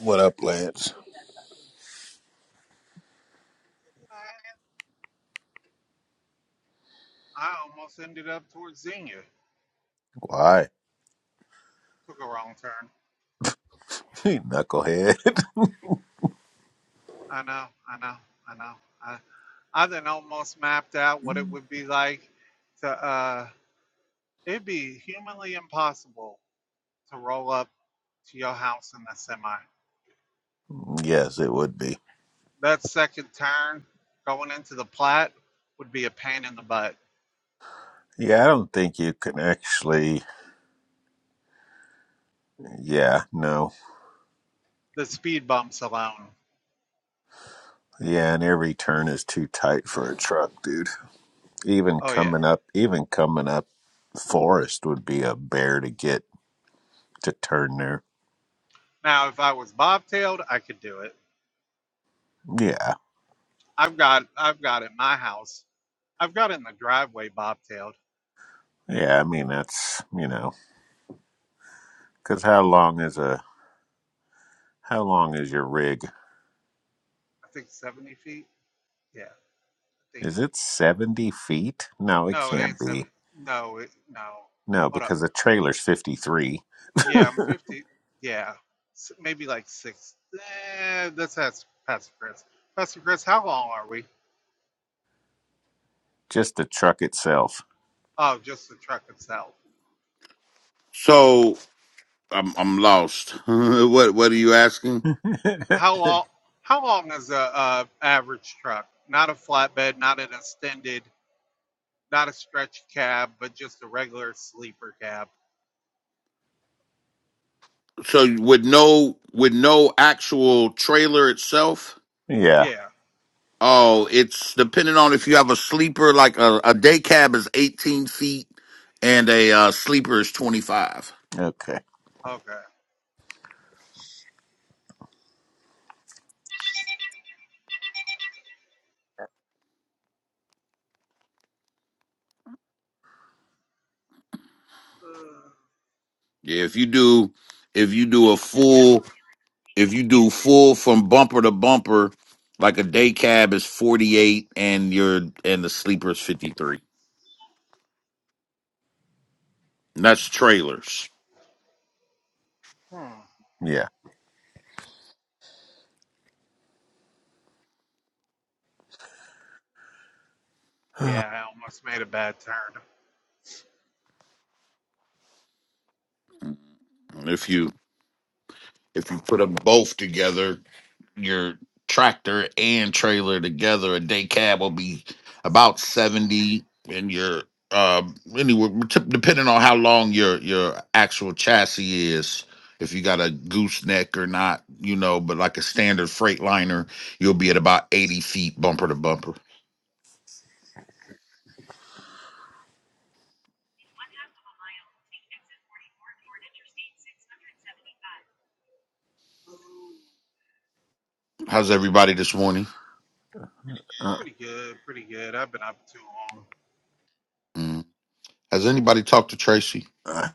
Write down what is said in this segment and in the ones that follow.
What up, Lance? I almost ended up towards Xenia. Why? Took a wrong turn. Knucklehead. I know, I know, I know. I, I then almost mapped out what it would be like to, uh, it'd be humanly impossible to roll up to your house in the semi. yes, it would be. That second turn going into the Platte would be a pain in the butt. Yeah, I don't think you can actually. Yeah, no. The speed bumps alone. Yeah, and every turn is too tight for a truck, dude. Even Oh yeah. coming up, even coming up, Forest would be a bear to get to turn there. Now if I was bobtailed, I could do it. Yeah, I've got I've got in my house. I've got in the driveway bobtailed. yeah. I mean, that's you know, because how long is a how long is your rig? I think 70 feet. Yeah, I think. Is it seventy feet? No, it No, it can't ain't seven. be. No, it, no. No, Hold up. because the trailer's fifty three. Yeah, I'm 50. Yeah, S- maybe like six. Eh, that's that's Pastor Chris. Pastor Chris, how long are we? Just the truck itself. Oh, just the truck itself. So I'm I'm lost. what what are you asking? How long? How long is a, a average truck? Not a flatbed, not an extended, not a stretch cab, but just a regular sleeper cab. So with no with no actual trailer itself? yeah. Yeah. Oh, it's depending on if you have a sleeper. Like a, a day cab is 18 feet, and a uh, sleeper is 25. Okay. Okay. Yeah, if you do if you do a full if you do full from bumper to bumper, like a day cab is 48, and your and the sleeper is 53. that's trailers. Uh, hmm. Yeah. Yeah, I almost made a bad turn. Mm-hmm. If you If you put them both together, your tractor and trailer together, a day cab will be about seventy, and your um anywhere t- depending on how long your your actual chassis is. If you got a gooseneck or not, you know, but like a standard freight liner, you'll be at about 80 feet bumper to bumper. How's everybody this morning? Uh, Pretty good, pretty good. I've been up too long. Mm. Has anybody talked to Tracy? uh,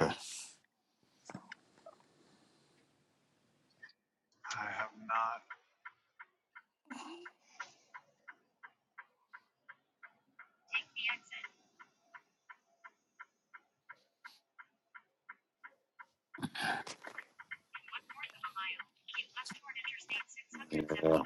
Okay. I have not. Yeah.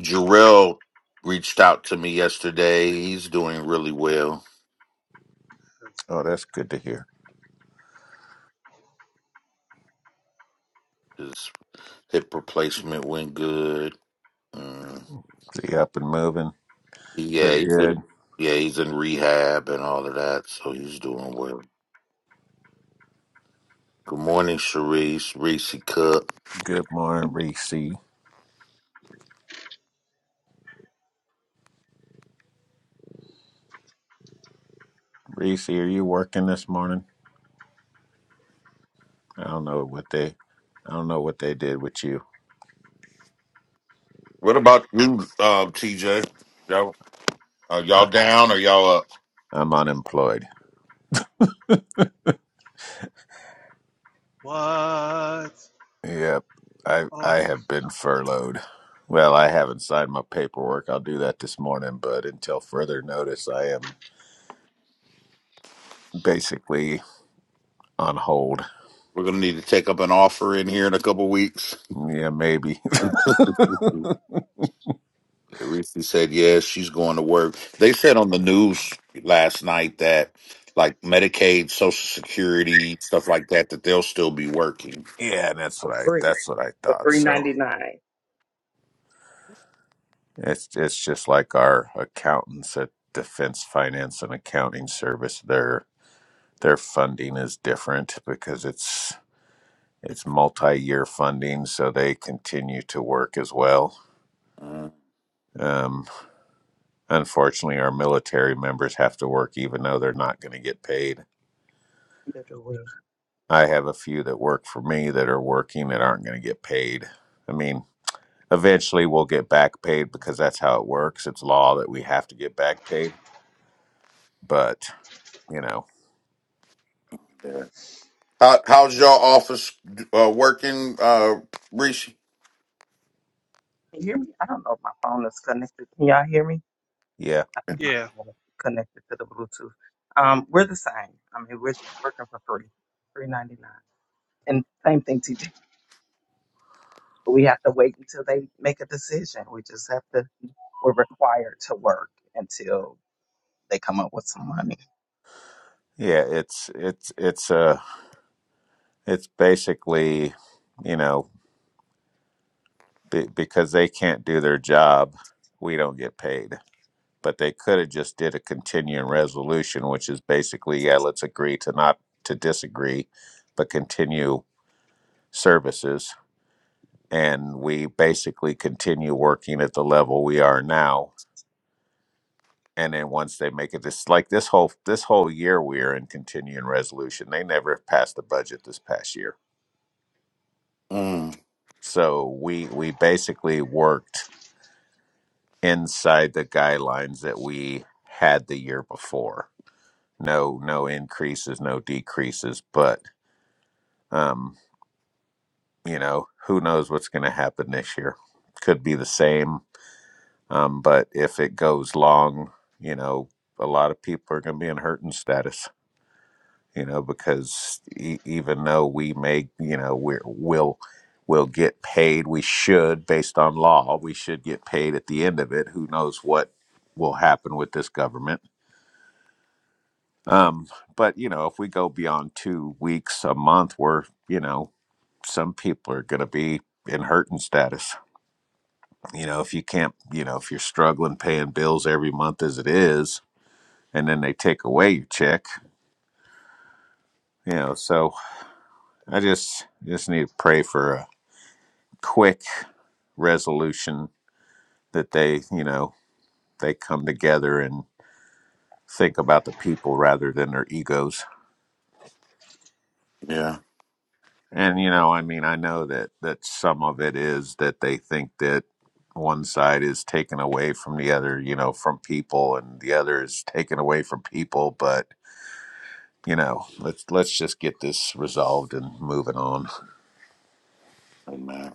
Jarrell reached out to me yesterday. He's doing really well. That's- oh, that's good to hear. His hip replacement went good. Mm. See, up and moving. Yeah, Pretty he's good. in yeah, he's in rehab and all of that, so he's doing well. Good morning, Sharice, Reese Cook. Good morning, Reese. Reese, are you working this morning? I don't know what they. I don't know what they did with you. What about you, uh, TJ? Y'all, are y'all I- down or y'all up? I'm unemployed. What? Yep. I Oh, I, I have been furloughed. Well, I haven't signed my paperwork. I'll do that this morning, but until further notice, I am basically on hold. We're gonna need to take up an offer in here in a couple weeks. Yeah, maybe. Yeah, Reese said yes, she's going to work. They said on the news last night that like Medicaid, Social Security, stuff like that, that they'll still be working. Yeah, and that's for what I free that's what I for thought. three So ninety nine. it's it's just like our accountants at Defense Finance and Accounting Service. Their their funding is different because it's it's multi year funding, so they continue to work as well. Uh, Um, unfortunately, our military members have to work even though they're not going to get paid. Either the way, I have a few that work for me that are working that aren't going to get paid. I mean, eventually we'll get back paid because that's how it works. It's law that we have to get back paid But you know, How how's all office uh, working, uh, Reese? can you hear me? I don't know if my phone is connected. Can y'all hear me? yeah, I think my yeah. phone is connected to the Bluetooth. Um, we're the same. I mean, we're working for free, three ninety nine, and same thing, TJ. We have to wait until they make a decision. We just have to. We're required to work until they come up with some money. yeah, it's it's it's uh it's basically you know be, because they can't do their job, we don't get paid. But they could have just did a continuing resolution, which is basically yeah, let's agree to not to disagree, but continue services, and we basically continue working at the level we are now and then once they make it this like this whole this whole year we are in continuing resolution they never passed the budget this past year Mm, So we we basically worked inside the guidelines that we had the year before. No no increases, no decreases, but um, you know, who knows what's going to happen this year. Could be the same, um, but if it goes long, you know, a lot of people are going to be in hurting status. you know because e- even though we may you know we're, we'll we'll get paid we should based on law we should get paid at the end of it who knows what will happen with this government um but you know if we go beyond two weeks a month we're you know some people are going to be in hurting status you know if you can't you know if you're struggling paying bills every month as it is and then they take away your check you know so i just just need to pray for a quick resolution that they, you know, they come together and think about the people rather than their egos. yeah, And you know, I mean, I know that that some of it is that they think that one side is taken away from the other, you know, from people and the other is taken away from people, but you know, let's let's just get this resolved and moving on. amen.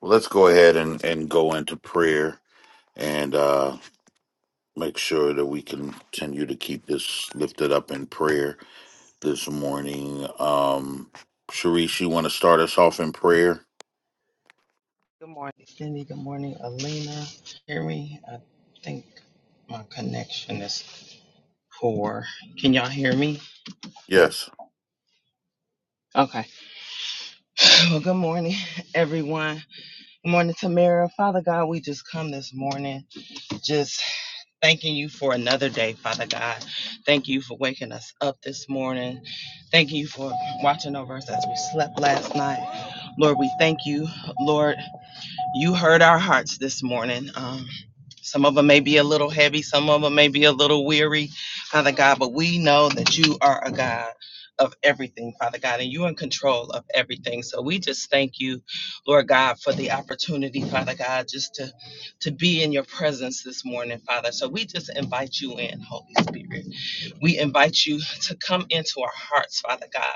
Well, let's go ahead and, and go into prayer and uh, make sure that we can continue to keep this lifted up in prayer this morning. Um, Sharice, you want to start us off in prayer? Good morning, Cindy. Good morning, Alina. Hear me? I think my connection is poor. Can y'all hear me? Yes. Okay. Well, good morning, everyone. Good morning, Tamara. Father God, we just come this morning just thanking you for another day, Father God. Thank you for waking us up this morning. Thank you for watching over us as we slept last night. Lord, we thank you, Lord. You heard our hearts this morning. Um, some of them may be a little heavy, some of them may be a little weary, Father God, but we know that you are a God of everything, Father God, and you're in control of everything. So we just thank you, Lord God, for the opportunity, Father God, just to, to be in your presence this morning, Father. So we just invite you in, Holy Spirit. We invite you to come into our hearts, Father God,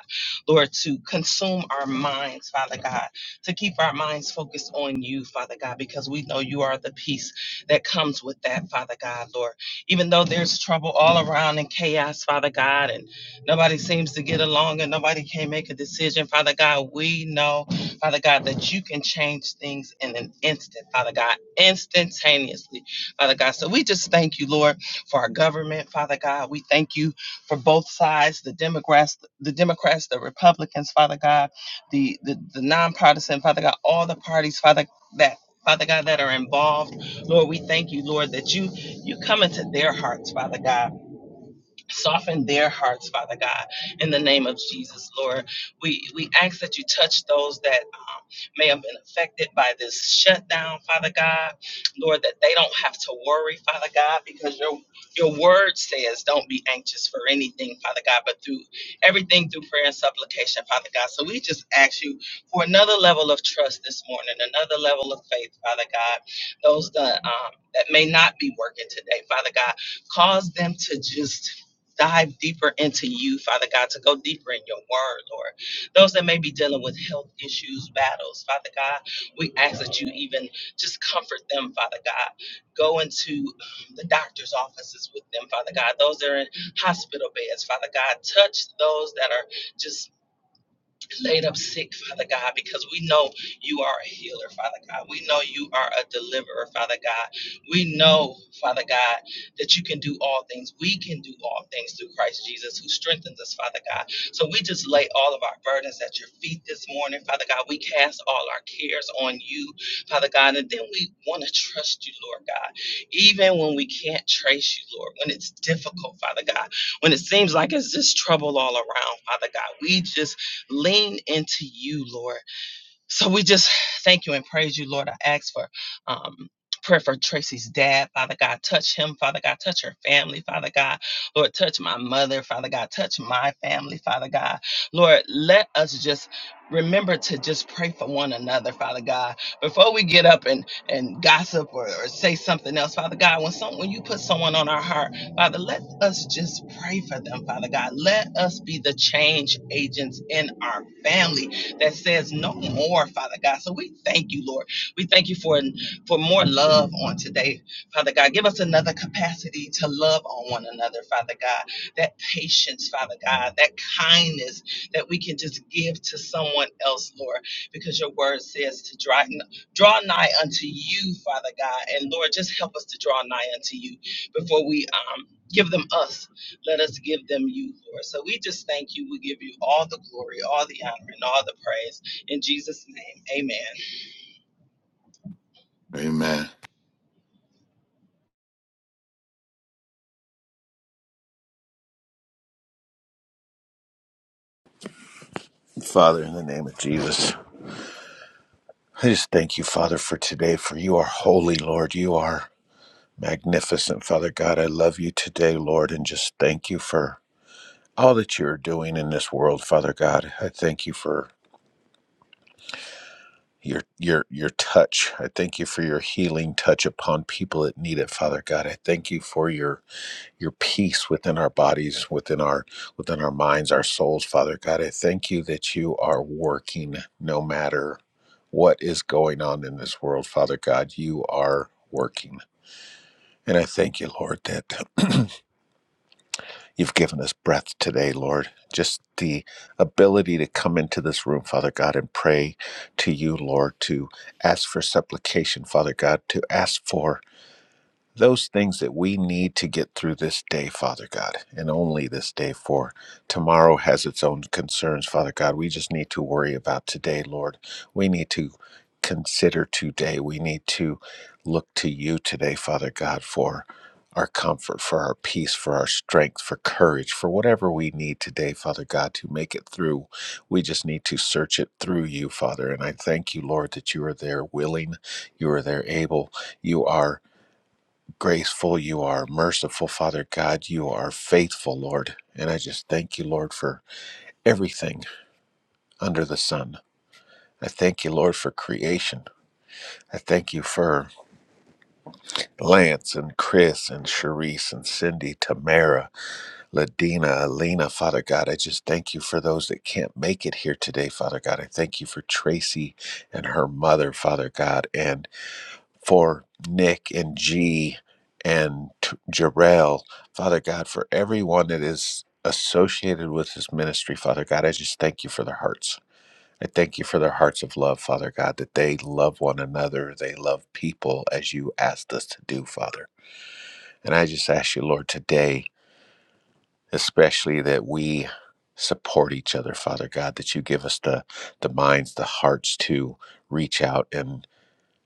Lord, to consume our minds, Father God, to keep our minds focused on you, Father God, because we know you are the peace that comes with that, Father God, Lord. Even though there's trouble all around and chaos, Father God, and nobody seems to get along and nobody can make a decision, Father God, we know, Father God, that you can change things in an instant, Father God, instantaneously, Father God. So we just thank you, Lord for our government, Father God. We thank you for both sides, the Democrats, the Democrats, the Republicans, Father God, the the, the nonpartisan, Father God, all the parties, Father that Father God, that are involved, Lord, we thank you, Lord, that you you come into their hearts, Father God. Soften their hearts, Father God, in the name of Jesus, Lord. We we ask that you touch those that um, may have been affected by this shutdown, Father God, Lord, that they don't have to worry, Father God, because your your word says, "Don't be anxious for anything, Father God, but through everything through prayer and supplication, Father God." So we just ask you for another level of trust this morning, another level of faith, Father God. Those that um, that may not be working today, Father God, cause them to just dive deeper into you, Father God, to go deeper in your word, Lord. Those that may be dealing with health issues, battles, Father God, we ask that you even just comfort them, Father God. Go into the doctor's offices with them, Father God. Those that are in hospital beds, Father God, touch those that are just laid up sick, Father God, because we know you are a healer, Father God. We know you are a deliverer, Father God. We know, Father God, that you can do all things. We can do all things through Christ Jesus who strengthens us, Father God. So we just lay all of our burdens at your feet this morning, Father God. We cast all our cares on you, Father God, and then we want to trust you, Lord God. Even when we can't trace you, Lord, when it's difficult, Father God, when it seems like it's just trouble all around, Father God, we just Lean into you, Lord. So we just thank you and praise you, Lord. I ask for um, prayer for Tracy's dad. Father God, touch him. Father God, touch her family. Father God, Lord, touch my mother. Father God, touch my family. Father God, Lord, let us just remember to just pray for one another father god before we get up and and gossip or, or say something else father god when some when you put someone on our heart father let us just pray for them father god let us be the change agents in our family that says no more, Father God. So we thank you, Lord. We thank you for, for more love on today, Father God. Give us another capacity to love on one another, Father God. That patience, Father God, that kindness that we can just give to someone else, Lord, because your word says to draw, draw nigh unto you, Father God. And Lord, just help us to draw nigh unto you before we um, give them us let us give them you, Lord. So we just thank you. We give you all the glory, all the honor, and all the praise. In Jesus' name, amen. Amen. Dear Father, in the Heavenly name of Father, Jesus, I just thank you, Father, for today, for you are holy, Lord. You are Magnificent Father God, I love you today, Lord, and just thank you for all that you're doing in this world, Father God. I thank you for your your your touch. I thank you for your healing touch upon people that need it, Father God. I thank you for your your peace within our bodies, within our within our minds, our souls, Father God. I thank you that you are working no matter what is going on in this world, Father God. You are working. And I thank you, Lord, that You've given us breath today, Lord. Just the ability to come into this room, Father God, and pray to you, Lord, to ask for supplication, Father God, to ask for those things that we need to get through this day, Father God, and only this day, for tomorrow has its own concerns, Father God. We just need to worry about today, Lord. We need to consider today. We need to look to you today, Father God, for our comfort, for our peace, for our strength, for courage, for whatever we need today, Father God, to make it through. We just need to search it through you, Father. And I thank you, Lord, that you are there willing, you are there able, you are graceful, you are merciful, Father God. You are faithful, Lord. And I just thank you, Lord, for everything under the sun. I thank you, Lord, for creation. I thank you for Lance and Chris and Sharice and Cindy, Tamara, Ladina, Alina, Father God. I just thank you for those that can't make it here today, Father God. I thank you for Tracy and her mother, Father God, and for Nick and G and Jarrell, Father God, for everyone that is associated with this ministry, Father God, I just thank you for their hearts. I thank you for their hearts of love, Father God, that they love one another, they love people as you asked us to do, Father. And I just ask you, Lord, today, especially that we support each other, Father God, that you give us the the minds, the hearts to reach out and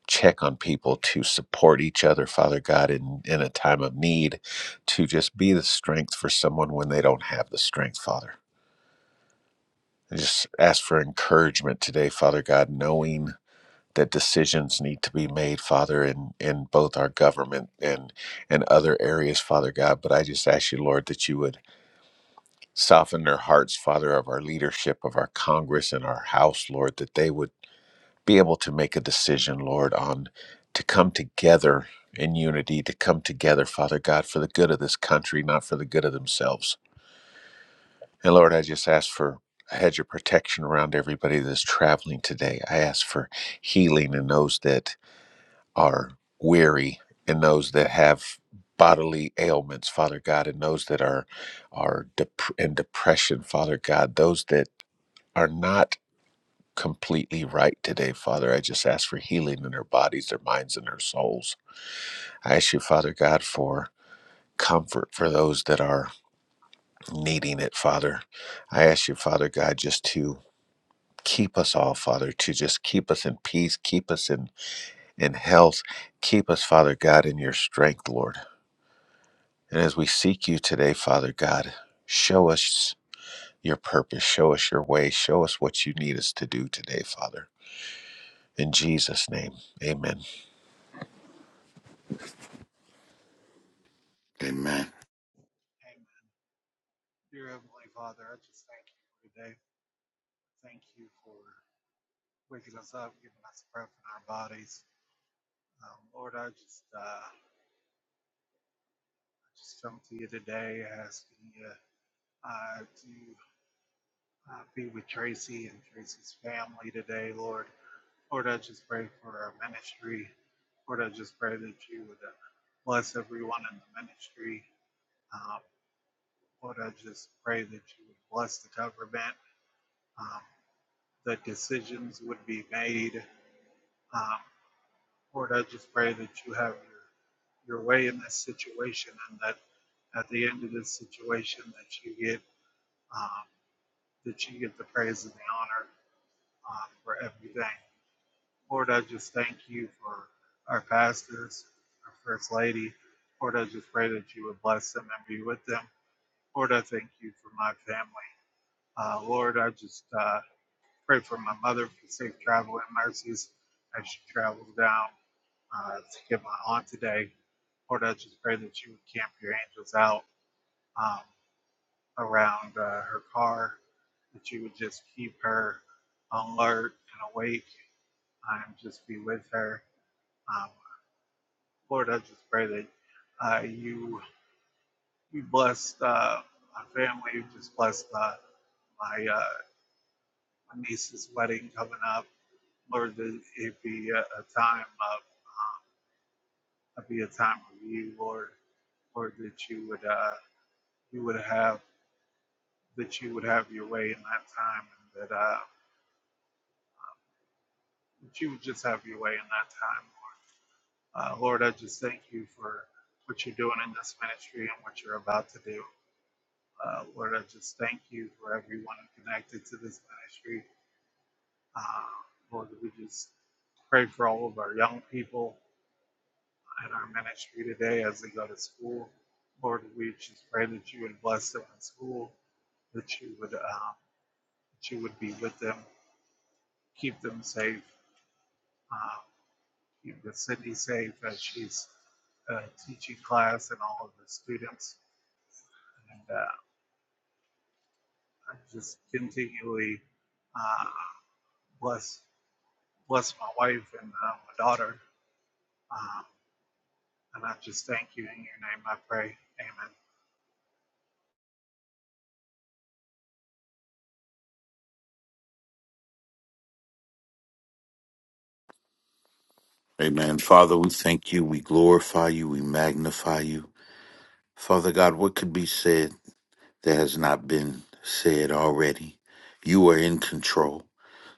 check on people to support each other, Father God, in, in a time of need, to just be the strength for someone when they don't have the strength, Father. I just ask for encouragement today, Father God, knowing that decisions need to be made, Father, in, in both our government and and other areas, Father God. But I just ask you, Lord, that you would soften their hearts, Father, of our leadership, of our Congress and our House, Lord, that they would be able to make a decision, Lord, on to come together in unity, to come together, Father God, for the good of this country, not for the good of themselves. And Lord, I just ask for a hedge of protection around everybody that's traveling today. I ask for healing in those that are weary in those that have bodily ailments, Father God, in those that are are dep- in depression, Father God, those that are not completely right today, Father. I just ask for healing in their bodies, their minds, and their souls. I ask you, Father God, for comfort for those that are needing it, Father. I ask you, Father God, just to keep us all, Father, to just keep us in peace, keep us in, in health, keep us, Father God, in your strength, Lord. And as we seek you today, Father God, show us your purpose, show us your way, show us what you need us to do today, Father. In Jesus' name, amen. Amen. Amen. Dear Heavenly Father, I just thank you for today. Thank you for waking us up, giving us breath in our bodies. Um, Lord, I just, uh, I just come to you today asking you uh, to uh, be with Tracy and Tracy's family today, Lord. Lord, I just pray for our ministry. Lord, I just pray that you would uh, bless everyone in the ministry. Um, Lord, I just pray that you would bless the government, um, that decisions would be made. Um, Lord, I just pray that you have your, your way in this situation and that at the end of this situation that you get um, that you get the praise and the honor um, for everything. Lord, I just thank you for our pastors, our First Lady. Lord, I just pray that you would bless them and be with them. Lord, I thank you for my family. Uh, Lord, I just uh, pray for my mother for safe travel and mercies as she travels down uh, to get my aunt today. Lord, I just pray that you would camp your angels out um, around uh, her car, that you would just keep her alert and awake and just be with her. Um, Lord, I just pray that uh, you you bless uh, my family. You just bless uh, my uh, my niece's wedding coming up. Lord, that it be a, a time of um, it be a time of you, Lord. Lord, that you would uh, you would have that you would have your way in that time, and that uh, that you would just have your way in that time, Lord. Uh, Lord, I just thank you for what you're doing in this ministry and what you're about to do. Uh, Lord, I just thank you for everyone connected to this ministry. Uh, Lord, we just pray for all of our young people in our ministry today as they go to school. Lord, we just pray that you would bless them in school, that you would uh, that you would be with them, keep them safe, uh, keep the city safe as she's uh, teaching class and all of the students, and uh, just continually uh, bless Bless my wife and uh, my daughter. Um, and I just thank you in your name. I pray. Amen. Amen. Father, we thank you. We glorify you. We magnify you. Father God, what could be said? that has not been said already. You are in control.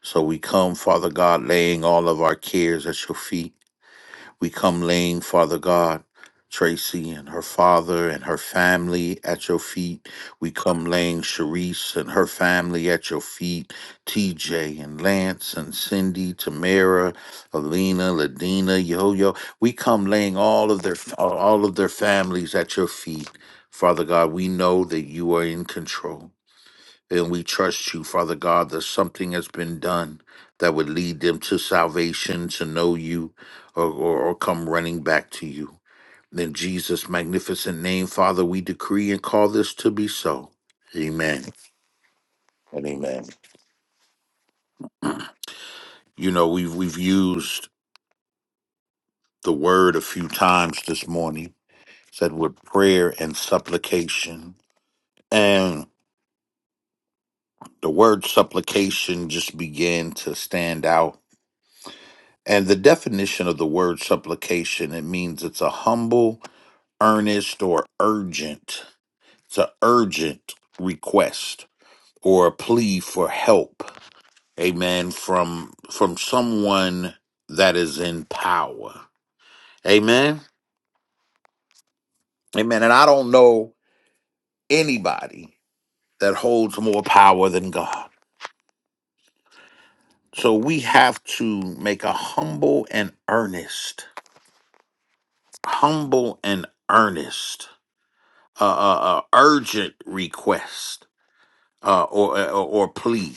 So we come, Father God, laying all of our cares at your feet we come laying, Father God, Tracy and her father and her family at your feet. We come laying Sharice and her family at your feet. TJ and Lance and Cindy, Tamara, Alina, Ladina, Yo Yo. We come laying all of their all of their families at your feet. Father God, we know that you are in control. And we trust you, Father God, that something has been done that would lead them to salvation, to know you, or, or, or come running back to you. In Jesus' magnificent name, Father, we decree and call this to be so. Amen and amen. You know, we've we've used the word a few times this morning, said with prayer and supplication. And the word supplication just began to stand out And the definition of the word supplication, it means it's a humble, earnest, or urgent. It's an urgent request or a plea for help. Amen. From from someone that is in power. Amen. Amen. And I don't know anybody that holds more power than God. So we have to make a humble and earnest, humble and earnest uh, uh, uh, urgent request uh, or, uh, or or plea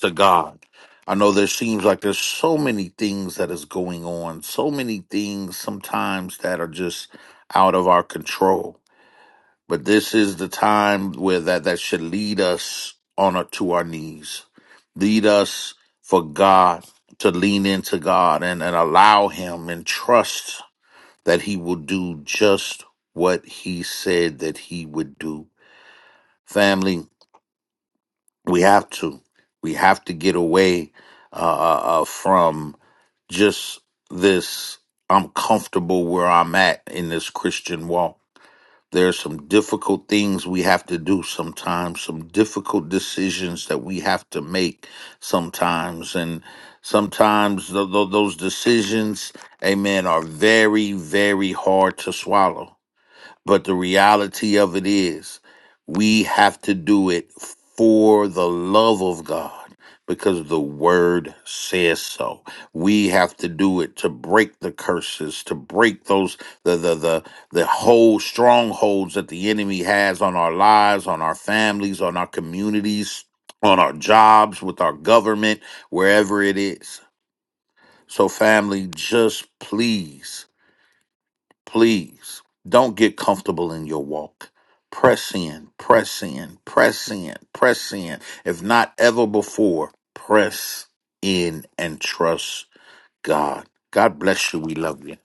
to God. I know there seems like there's so many things that is going on, so many things sometimes that are just out of our control. But this is the time where that that should lead us on our, to our knees, lead us for God to lean into God and, and allow Him and trust that He will do just what He said that He would do family we have to we have to get away uh, uh, uh, from just this i'm comfortable where i'm at in this christian walk There are some difficult things we have to do sometimes some difficult decisions that we have to make sometimes and sometimes tho- tho- those decisions amen are very very hard to swallow but the reality of it is, we have to do it for the love of God because the word says so. We have to do it to break the curses, to break those the the the the whole strongholds that the enemy has on our lives, on our families, on our communities, on our jobs, with our government, wherever it is. So family, just please Please don't get comfortable in your walk. Press in, press in, press in, press in. If not ever before, press in and trust God. God bless you. We love you.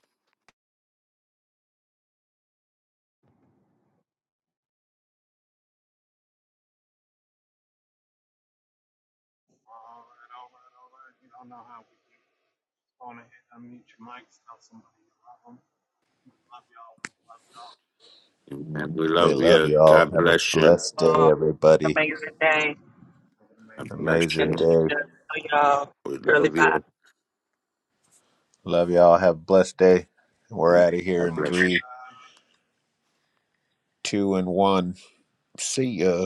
All right, all right, all right. You don't know how we do. Go on ahead, unmute your mics. Tell somebody you love them. We Love y'all. We love y'all. Amen. We We love love you. y'all. God Have a bless you. blessed day, Um, everybody. amazing day. Have God amazing. bless And Amazing you. we day. just, uh, y'all, We really love bye. you. Love y'all. Uh, Have a blessed day. We're out of if here God in bless somebody you. three, died. two, and one. See ya.